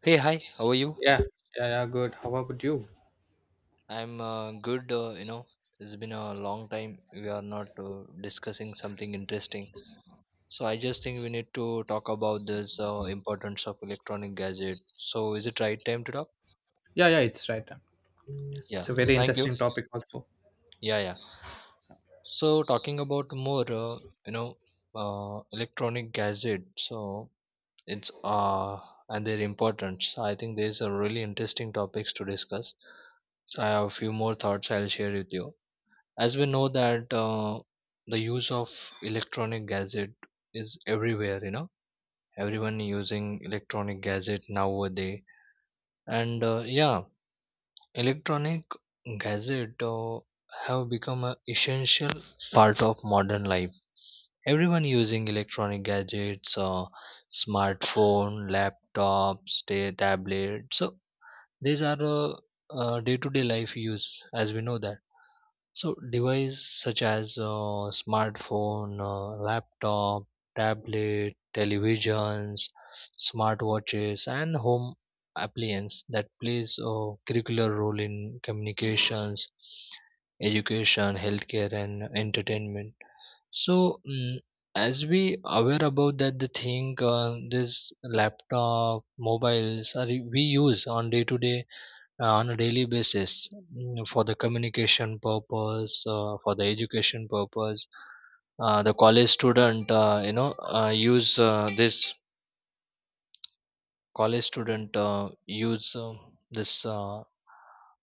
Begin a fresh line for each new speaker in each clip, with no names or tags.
Hey, hi, how are you?
Yeah, yeah, yeah, good. How about you?
I'm good. It's been a long time we are not discussing something interesting. So I just think we need to talk about this importance of electronic gadget. So is it right time to talk?
Yeah, yeah, it's right. It's
Yeah.
a very
Thank you.
interesting topic also.
Yeah, yeah. So talking about more, you know, electronic gadget. So it's and their importance. So, I think there's a really interesting topics to discuss. So I have a few more thoughts I'll share with you. As we know that the use of electronic gadget is everywhere, you know, everyone using electronic gadget nowadays. And yeah, electronic gadget have become an essential part of modern life. Everyone using electronic gadgets, smartphone, laptops, tablets. So these are day-to-day life use. As we know that so devices such as smartphone, laptop, tablet, televisions, smartwatches, and home appliance that plays a curricular role in communications, education, healthcare, and entertainment. So as we aware about that, the thing, this laptop, mobiles, are we use on day to day, on a daily basis, for the communication purpose, for the education purpose. The college student you know use this college student use this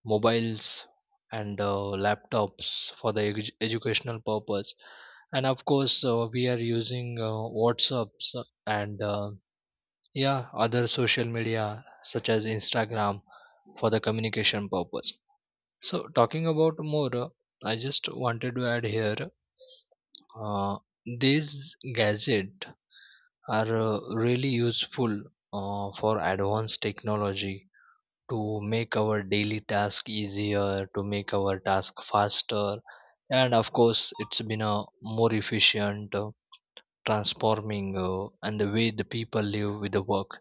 mobiles and laptops for the educational purpose. And of course we are using whatsapps and yeah, other social media such as instagram for the communication purpose. So talking about more, I just wanted to add here, uh, these gadgets are really useful, for advanced technology, to make our daily task easier, to make our task faster, and of course it's been a more efficient, transforming, and the way the people live with the work.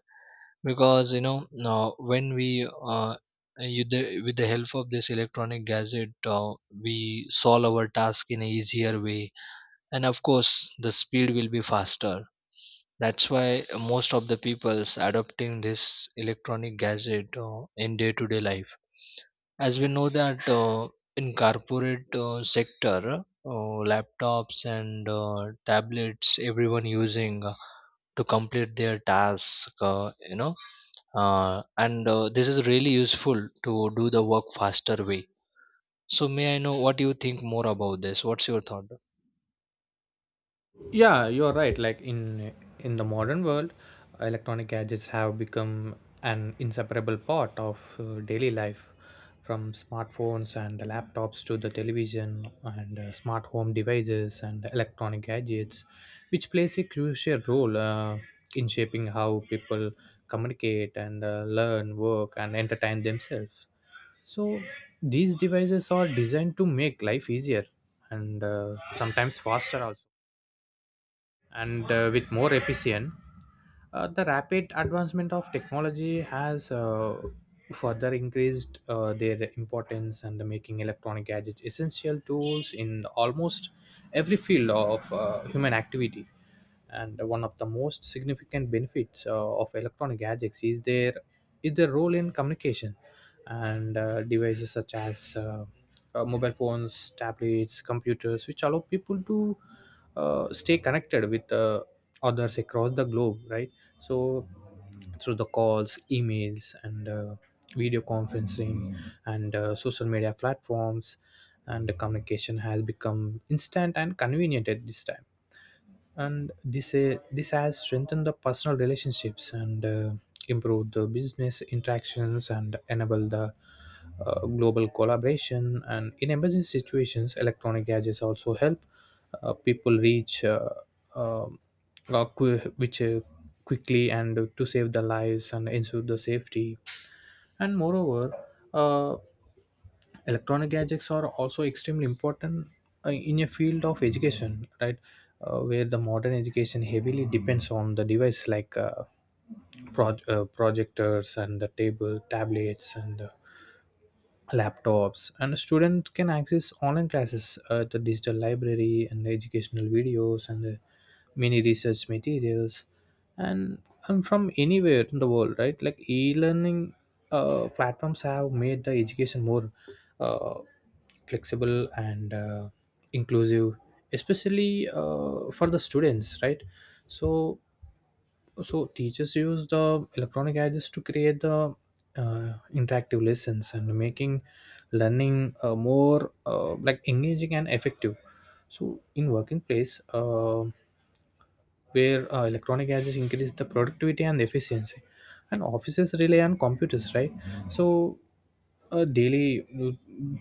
Because you know, now when we you the, with the help of this electronic gadget, we solve our task in a easier way, and of course the speed will be faster. That's why most of the people's adopting this electronic gadget in day to day life. As we know that, in corporate sector, laptops and tablets, everyone using to complete their task, you know and this is really useful to do the work faster way. So may I know what you think more about this, what's your thought?
Yeah, you're right. Like in the modern world, electronic gadgets have become an inseparable part of daily life, from smartphones and the laptops to the television and smart home devices and electronic gadgets, which plays a crucial role in shaping how people communicate and learn, work, and entertain themselves. So these devices are designed to make life easier, and sometimes faster also, and with more efficient. The rapid advancement of technology has further increased their importance, and making electronic gadgets essential tools in almost every field of human activity. And one of the most significant benefits of electronic gadgets is their role in communication. And devices such as mobile phones, tablets, computers, which allow people to stay connected with others across the globe, right? So through the calls, emails, and video conferencing and social media platforms, and the communication has become instant and convenient at this time. And this has strengthened the personal relationships and improved the business interactions and enable the global collaboration. And in emergency situations, electronic gadgets also help people reach um, qu- which quickly and to save the lives and ensure the safety. And moreover, uh, electronic gadgets are also extremely important in a field of education, right? Where the modern education heavily depends on the device like projectors and the tablets and laptops, and students can access online classes, the digital library and the educational videos and the mini research materials, and from anywhere in the world, right? Like e-learning platforms have made the education more uh, flexible and inclusive, especially for the students, right? So so teachers use the electronic gadgets to create the interactive lessons and making learning more like engaging and effective. So in working place, where electronic gadgets increase the productivity and efficiency, and offices rely on computers, right? So daily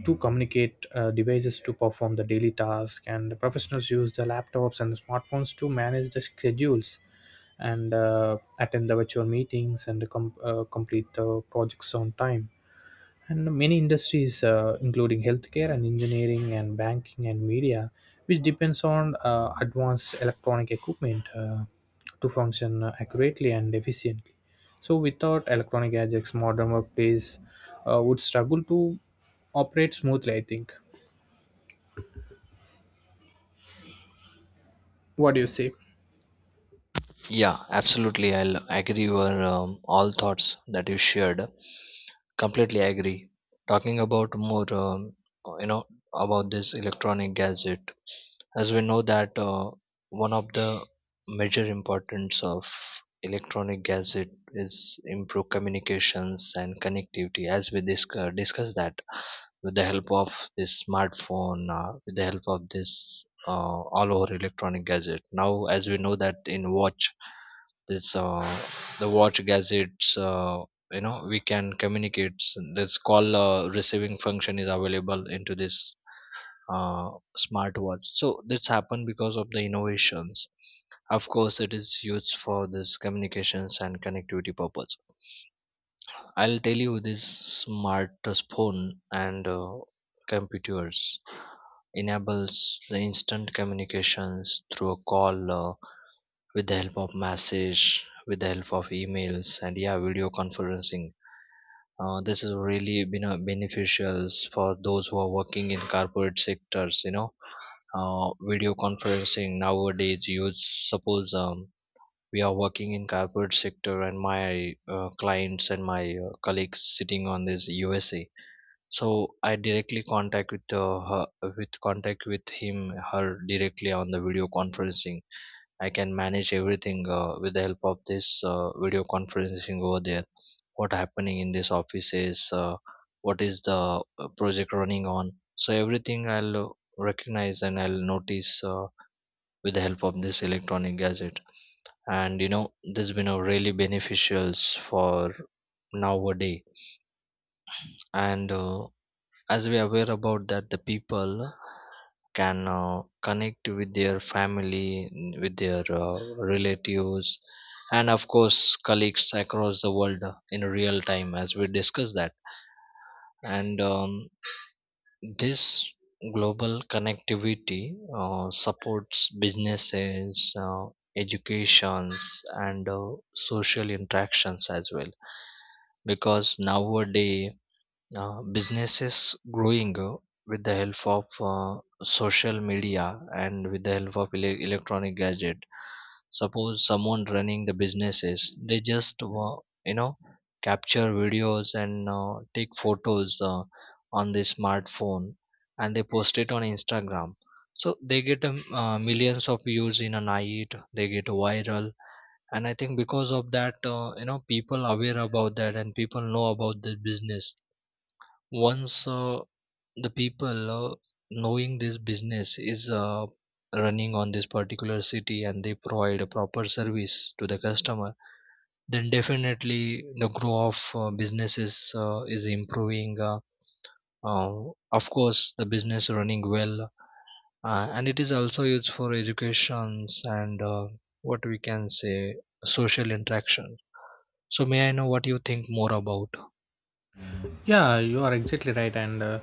to communicate, devices to perform the daily task, and the professionals use the laptops and the smartphones to manage the schedules and attend the virtual meetings and complete the projects on time. And many industries, including healthcare and engineering and banking and media, which depends on advanced electronic equipment to function accurately and efficiently. So without electronic gadgets, modern workplace would struggle to operate smoothly, I think. What do you say?
Yeah, absolutely, I'll agree your all thoughts that you shared. Completely agree. Talking about more, you know, about this electronic gadget, as we know that, one of the major importance of electronic gadget is improve communications and connectivity. As we discuss that, with the help of this smartphone, with the help of this all over electronic gadget. Now, as we know that in watch this the watch gadgets, you know we can communicate. This call receiving function is available into this uh, smartwatch. So this happened because of the innovations. Of course it is used for this communications and connectivity purpose. I'll tell you, this smartphone and computers enables the instant communications through a call, with the help of message, with the help of emails, and yeah, video conferencing. This has really been a beneficial for those who are working in corporate sectors. You know, video conferencing nowadays. You suppose we are working in corporate sector, and my clients and my colleagues sitting on this USA. So I directly contact with her, with contact with him, her directly on the video conferencing. I can manage everything with the help of this video conferencing over there. What happening in this office is what is the project running on. So everything I'll recognize and I'll notice with the help of this electronic gadget. And you know, this been a really beneficials for nowadays. And as we are aware about that, the people can connect with their family, with their relatives, and of course colleagues across the world in real time, as we discuss that. And this global connectivity supports businesses, educations, and social interactions as well. Because nowadays businesses growing with the help of social media and with the help of electronic gadget. Suppose someone running the businesses, they just you know capture videos and take photos on the smartphone and they post it on instagram, so they get millions of views in a night, they get viral. And I think because of that, you know, people aware about that and people know about the business. Once the people knowing this business is running on this particular city and they provide a proper service to the customer, then definitely the growth of businesses is improving, of course the business running well. And it is also used for educations and what we can say, social interaction. So may I know what you think more about?
Yeah, you are exactly right, and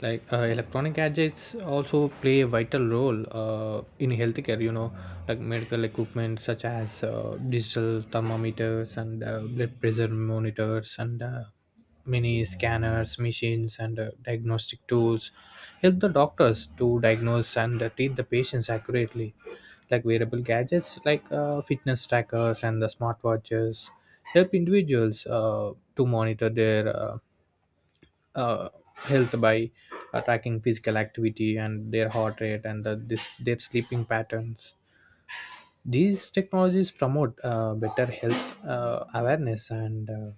like electronic gadgets also play a vital role in healthcare. You know, like medical equipment such as digital thermometers and blood pressure monitors and many scanners, machines, and diagnostic tools help the doctors to diagnose and treat the patients accurately. Like wearable gadgets, like fitness trackers and the smartwatches, help individuals to monitor their uh, health by tracking physical activity and their heart rate and their sleeping patterns. These technologies promote better health awareness and uh,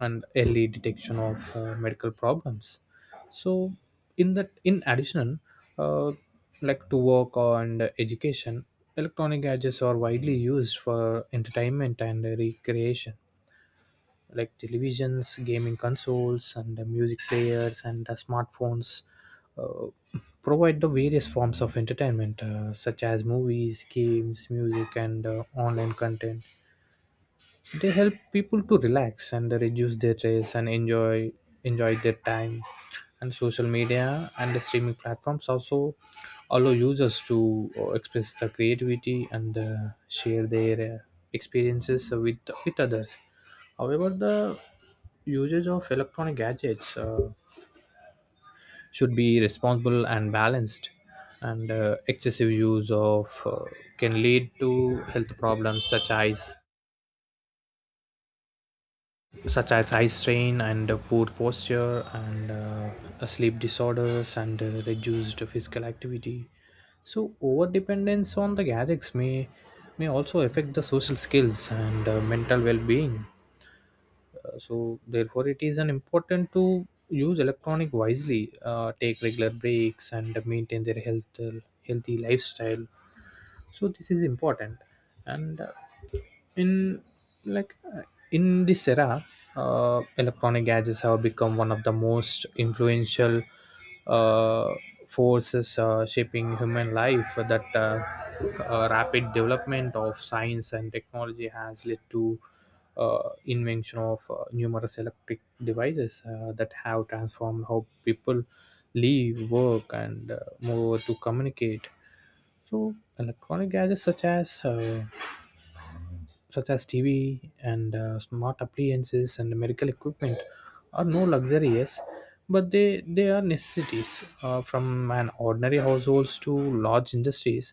and early detection of medical problems. So, in addition, uh, like to work on education, electronic gadgets are widely used for entertainment and recreation, like televisions, gaming consoles, and the music players, and the smartphones uh, provide the various forms of entertainment, such as movies, games, music, and online content. They help people to relax and reduce their stress and enjoy their time. And social media and the streaming platforms also allow users to express their creativity and share their experiences with others. However, the usage of electronic gadgets should be responsible and balanced, and excessive use of can lead to health problems such as eye strain and poor posture and sleep disorders and reduced physical activity. So over dependence on the gadgets may also affect the social skills and mental well-being. So therefore it is an important to use electronic wisely, take regular breaks and maintain their healthy lifestyle. So this is important. And in like uh, in this era, electronic gadgets have become one of the most influential uh, forces shaping human life. That Rapid development of science and technology has led to invention of numerous electric devices that have transformed how people live, work, and move to communicate. So electronic gadgets such as TV and smart appliances and medical equipment are no luxuries, but they are necessities, from an ordinary households to large industries,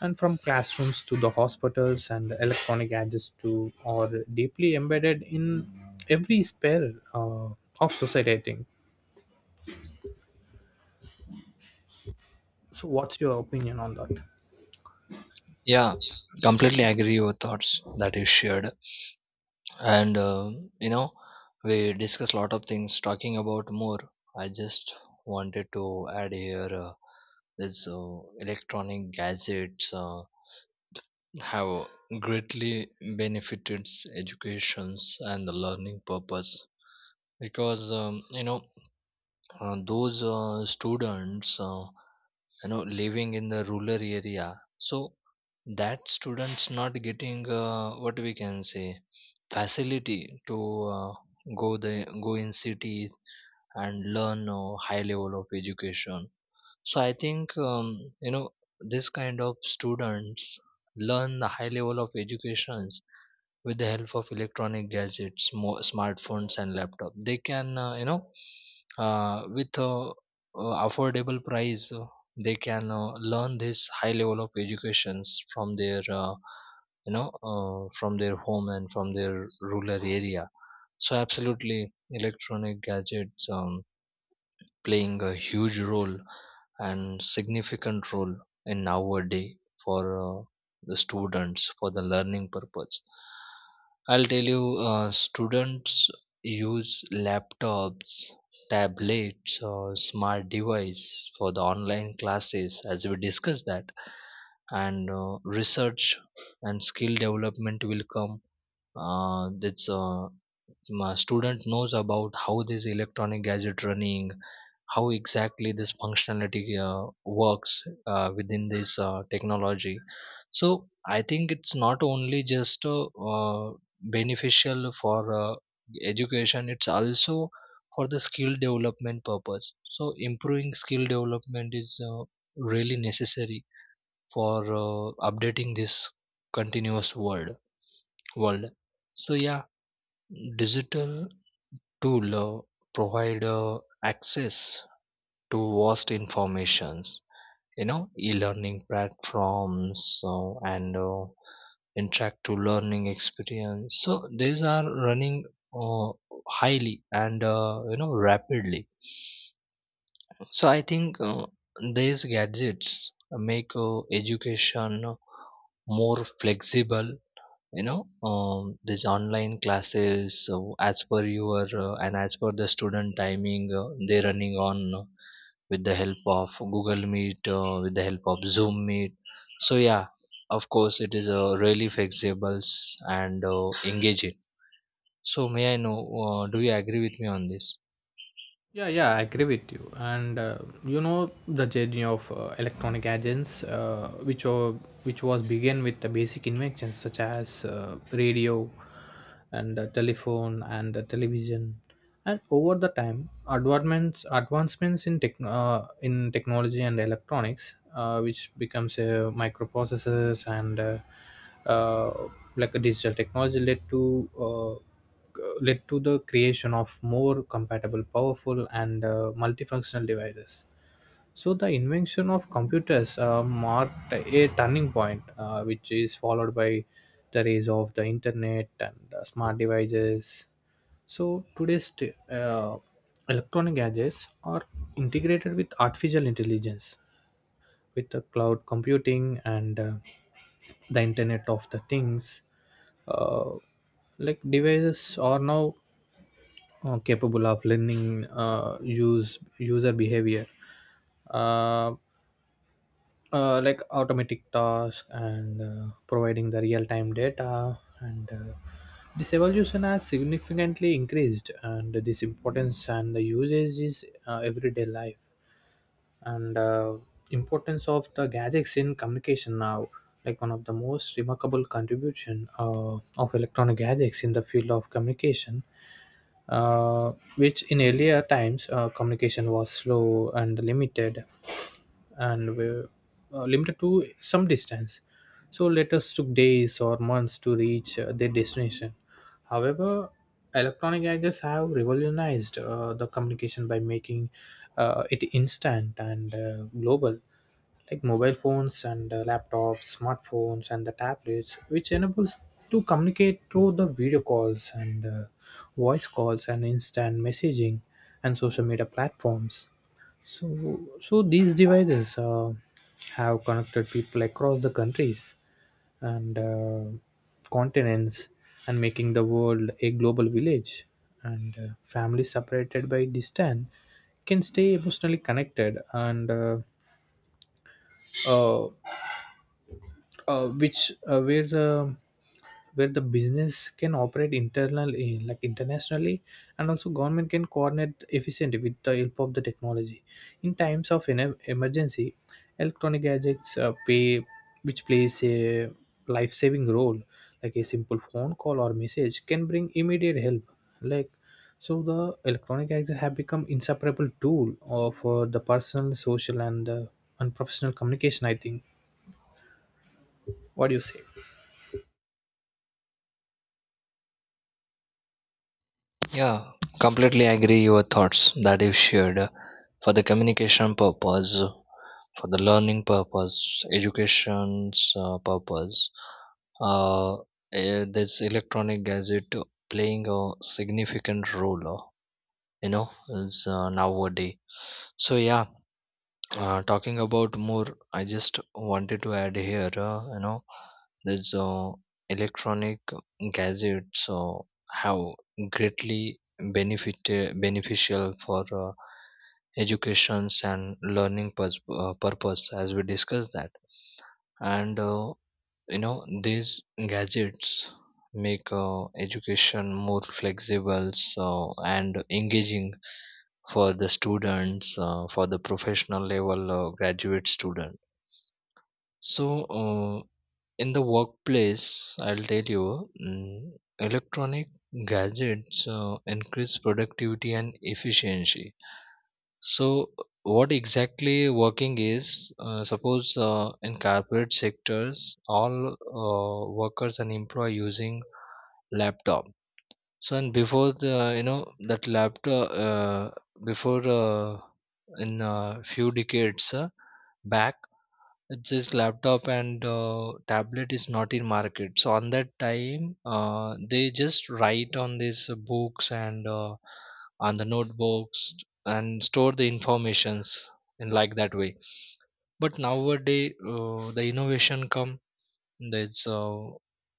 and from classrooms to the hospitals, and electronic gadgets to are deeply embedded in every sphere of society, I think. So, what's your opinion on that?
Yeah, completely agree your thoughts that you shared. And you know, we discussed a lot of things. Talking about more, I just wanted to add here, this electronic gadgets have greatly benefited educations and the learning purpose. Because you know, those students, you know, living in the rural area. So that students not getting what we can say, facility to uh, go the go in city and learn high level of education. So I think you know, this kind of students learn the high level of education with the help of electronic gadgets, smartphones and laptop. They can, you know, with affordable price. They can learn this high level of educations from their, from their home and from their rural area. So absolutely, electronic gadgets playing a huge role and significant role in our day for uh, the students, for the learning purpose. I'll tell you, students use laptops, tablets or smart device for the online classes, as we discussed that. And research and skill development will come. That's my student knows about how this electronic gadget running, how exactly this functionality works within this technology. So I think it's not only just uh, beneficial for education, it's also for the skill development purpose. So improving skill development is really necessary for updating this continuous world. So yeah, digital tool provide access to vast informations, you know, e-learning platforms, and interactive learning experience. So these are running uh, highly and you know, rapidly. So I think, these gadgets make education more flexible, you know, these online classes, so as per your and as per the student timing, they're running on with the help of google meet, with the help of zoom meet. So yeah, of course it is really flexible and engaging. So may I know do you agree with me on this?
Yeah, yeah, I agree with you. And you know, the journey of electronic agents, which was began with the basic inventions such as radio, and telephone and television, and over the time, advancements in technology and electronics, which becomes microprocessors and uh, like a digital technology led to. Uh, Led to the creation of more compatible, powerful, and multifunctional devices. So, the invention of computers marked a turning point, which is followed by the rise of the internet and smart devices. So, electronic gadgets are integrated with artificial intelligence, with the cloud computing and the internet of the things. uh, like devices are now capable of learning use user behavior, uh, like automatic tasks and providing the real-time data. And this evolution has significantly increased and this importance and the usage is everyday life. And importance of the gadgets in communication now, like one of the most remarkable contribution of electronic gadgets in the field of communication, uh, which in earlier times communication was slow and limited, and were limited to some distance. So letters took days or months to reach their destination. However, electronic gadgets have revolutionized the communication by making it instant and global, like mobile phones and laptops, smartphones, and the tablets, which enables to communicate through the video calls and voice calls and instant messaging and social media platforms. So these devices have connected people across the countries and continents, and making the world a global village. And families separated by distance can stay emotionally connected, and uh, which where the business can operate internally, like internationally, and also government can coordinate efficiently with the help of the technology. In times of an emergency, electronic gadgets pay which plays a life-saving role, like a simple phone call or message can bring immediate help. Like so the electronic gadgets have become inseparable tool of the personal, social, and professional communication, I think. What do you say?
Yeah, completely agree your thoughts that you shared, for the communication purpose, for the learning purpose, education's purpose. Uh, this electronic gadget playing a significant role, you know, is nowadays. So yeah, talking about more, I just wanted to add here, you know, there's electronic gadgets have greatly benefit beneficial for educations and learning purpose, as we discussed that. And you know, these gadgets make education more flexible so, and engaging for the students, for the professional level graduate student. So, uh, in the workplace, I'll tell you, electronic gadgets increase productivity and efficiency. So what exactly working is suppose in corporate sectors, all workers and employee using laptop. So and before the, you know that laptop before in a few decades back, it's just laptop and tablet is not in market. So on that time, they just write on these books and on the notebooks and store the informations in like that way. But nowadays the innovation come, that's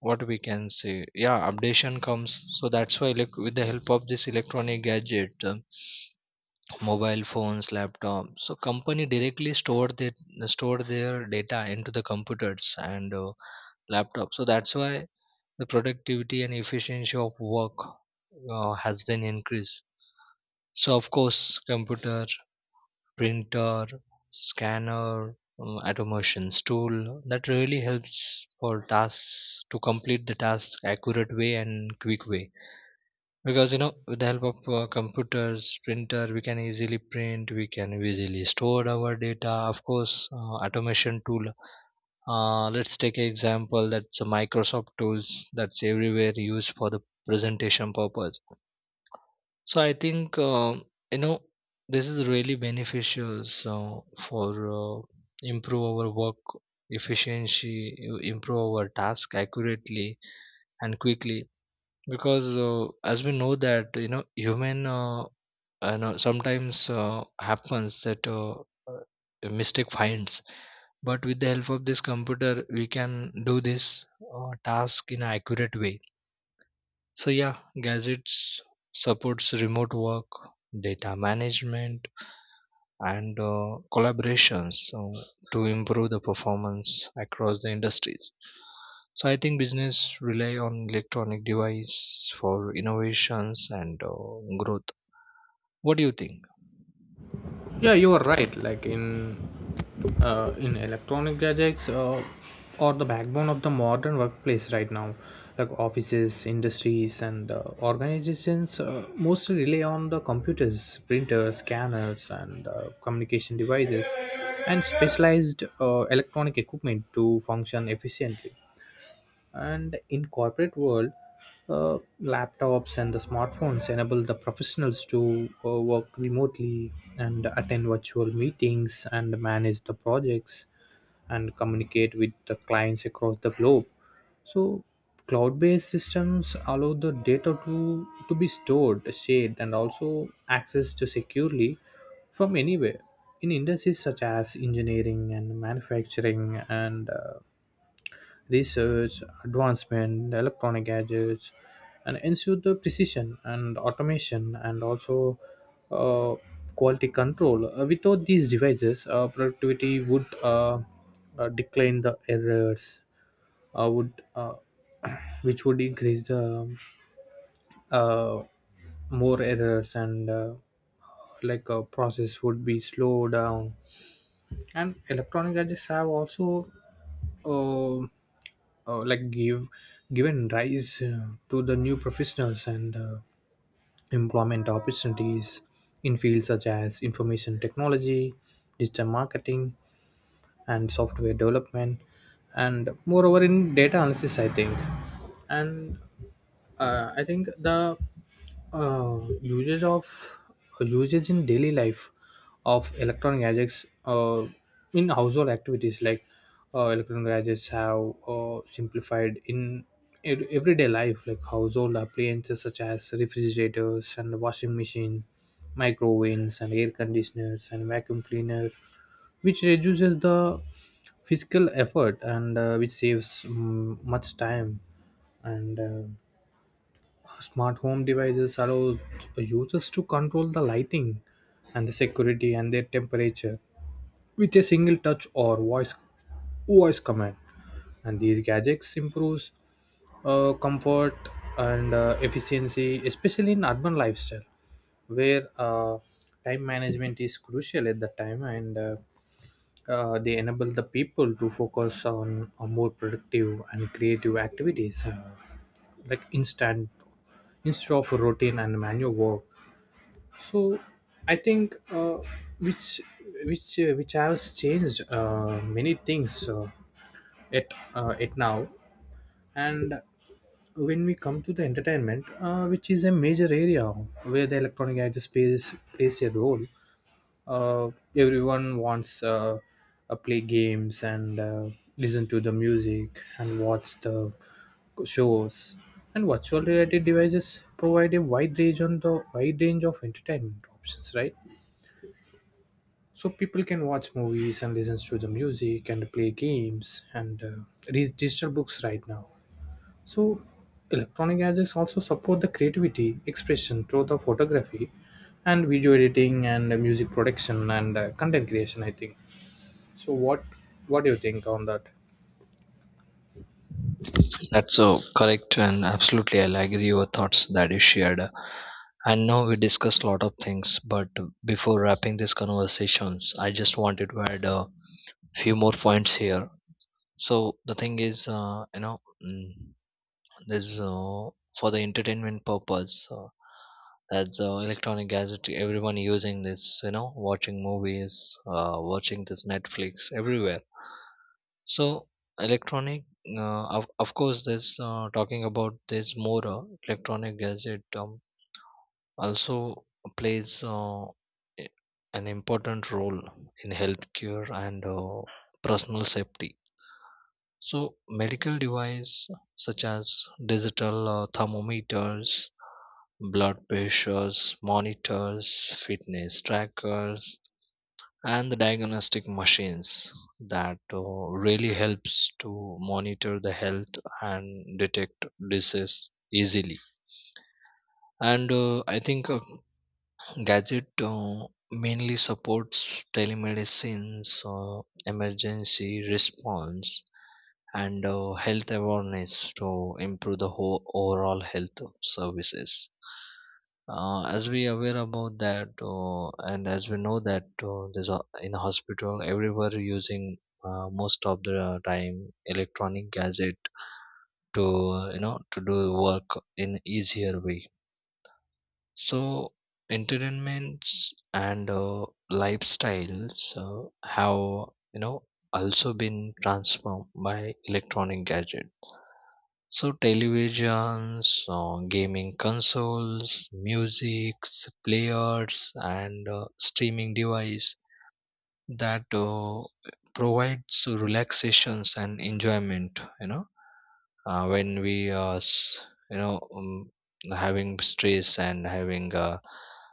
what we can say, yeah, updation comes. So that's why, like with the help of this electronic gadget, mobile phones, laptop, so company directly store their data into the computers and laptops. So that's why the productivity and efficiency of work has been increased. So of course computer, printer, scanner, automations tool, that really helps for tasks to complete the task accurate way and quick way. Because you know, with the help of computers, printer, we can easily print, we can easily store our data. Of course automation tool, let's take an example, that's a microsoft tools, that's everywhere used for the presentation purpose. So I think, you know, this is really beneficial. So for improve our work efficiency, you improve our task accurately and quickly. Because as we know that, you know, human, sometimes happens that uh, a mistake finds. But with the help of this computer, we can do this task in an accurate way. So yeah, gadgets supports remote work, data management, and collaborations, so to improve the performance across the industries. So I think business rely on electronic device for innovations and growth. What do you think?
Yeah, you are right. Like in electronic gadgets are the backbone of the modern workplace right now. Like offices, industries, and organizations mostly rely on the computers, printers, scanners, and communication devices and specialized electronic equipment to function efficiently. And in corporate world, laptops and the smartphones enable the professionals to work remotely and attend virtual meetings and manage the projects and communicate with the clients across the globe. So cloud-based systems allow the data to be stored, shared, and also accessed to securely from anywhere. In industries such as engineering and manufacturing and research, advancement, electronic gadgets, and ensure the precision and automation and also uh, quality control. Without these devices, productivity would decline, the errors would which would increase the uh, more errors, and like a process would be slowed down. And electronic gadgets have also oh, oh like give given rise to the new professionals and employment opportunities in fields such as information technology, digital marketing, and software development, and moreover in data analysis, I think. And I think the uh, usage of usage in daily life of electronic gadgets, in household activities. Like electronic gadgets have simplified in everyday life, like household appliances such as refrigerators and washing machine, microwaves and air conditioners and vacuum cleaner, which reduces the physical effort and which saves much time. And smart home devices allow users to control the lighting and the security and their temperature with a single touch or voice command. And these gadgets improves comfort and efficiency, especially in urban lifestyle where time management is crucial at that time. And they enable the people to focus on a more productive and creative activities, like instant instead of routine and manual work. So I think which which has changed many things, at at now. And when we come to the entertainment, which is a major area where the electronic gadgets plays a role, uh, everyone wants play games and listen to the music and watch the shows. And virtual reality devices provide a wide range of entertainment options, right? So people can watch movies and listen to the music and play games and read digital books right now. So electronic gadgets also support the creativity expression through the photography and video editing and music production and content creation, I think. So what do you think on that?
That's so correct, and absolutely, I'll agree your thoughts that you shared. And now we discussed a lot of things, but before wrapping these conversations, I just wanted to add. Few more points here. So the thing is, you know, mm, there's for the entertainment purpose, that's electronic gadget, everyone using this, you know, watching movies, watching this netflix everywhere. So electronic of course this talking about this more, electronic gadget also plays an important role in healthcare and personal safety. So, medical devices such as digital thermometers, blood pressures, monitors, fitness trackers, and the diagnostic machines, that really helps to monitor the health and detect disease easily. And I think gadget mainly supports telemedicine, emergency response, and health awareness, to improve the whole overall health services. As we aware about that, and as we know that, there's a, in a hospital, everywhere using most of the time electronic gadget to, you know, to do work in easier way. So, entertainments and lifestyles have, you know, also been transformed by electronic gadgets. So, televisions, gaming consoles, music, players, and streaming device, that provides relaxations and enjoyment. You know, when we, are, you know, um, having stress and having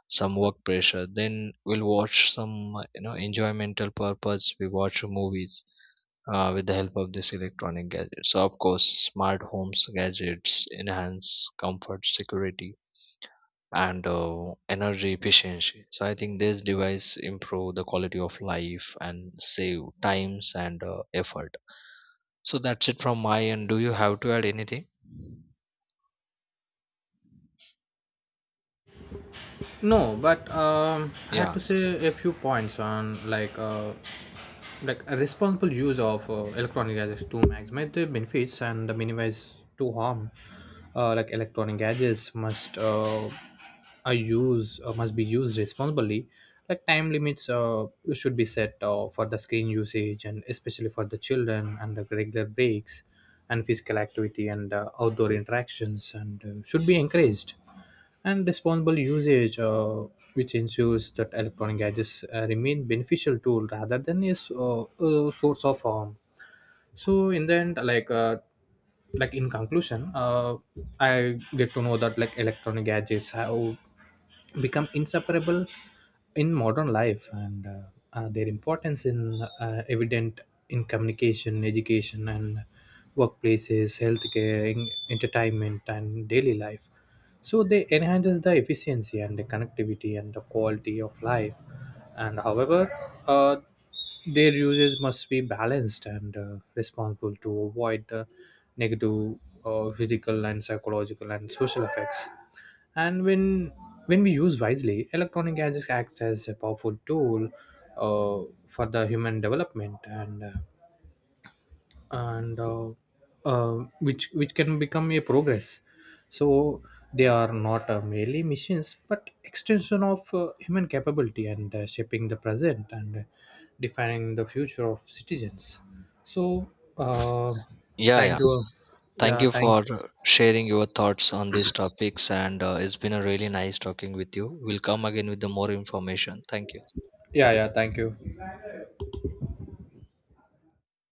some work pressure, then we'll watch some, enjoymental purpose, we watch movies with the help of this electronic gadgets. So of course smart homes gadgets enhance comfort, security, and energy efficiency. So I think this device improve the quality of life and save times and effort. So that's it from my end. Do you have to add anything?
No, but I had
Yeah,
to say a few points on like a responsible use of electronic gadgets to maximize the benefits and minimize to harm. Like electronic gadgets must be used responsibly. Like time limits should be set for the screen usage, and especially for the children, and the regular breaks and physical activity and outdoor interactions and should be encouraged. And responsible usage, which ensures that electronic gadgets remain beneficial tool rather than a source of harm. So in the end, like, like in conclusion, I get to know that like electronic gadgets have become inseparable in modern life, and their importance in evident in communication, education, and workplaces, healthcare, entertainment, and daily life. So they enhances the efficiency and the connectivity and the quality of life. And however, uh, their usage must be balanced and responsible to avoid the negative physical and psychological and social effects. And when we use wisely, electronic gadgets acts as a powerful tool uh, for the human development, and and uh, which can become a progress. So they are not merely machines, but extension of human capability and shaping the present and defining the future of citizens. So uh,
yeah,
thank
yeah.
you.
Thank
yeah
you
thank
for sharing your thoughts on these topics, and it's been a really nice talking with you. We'll come again with the more information. Thank you.
yeah, yeah, thank you.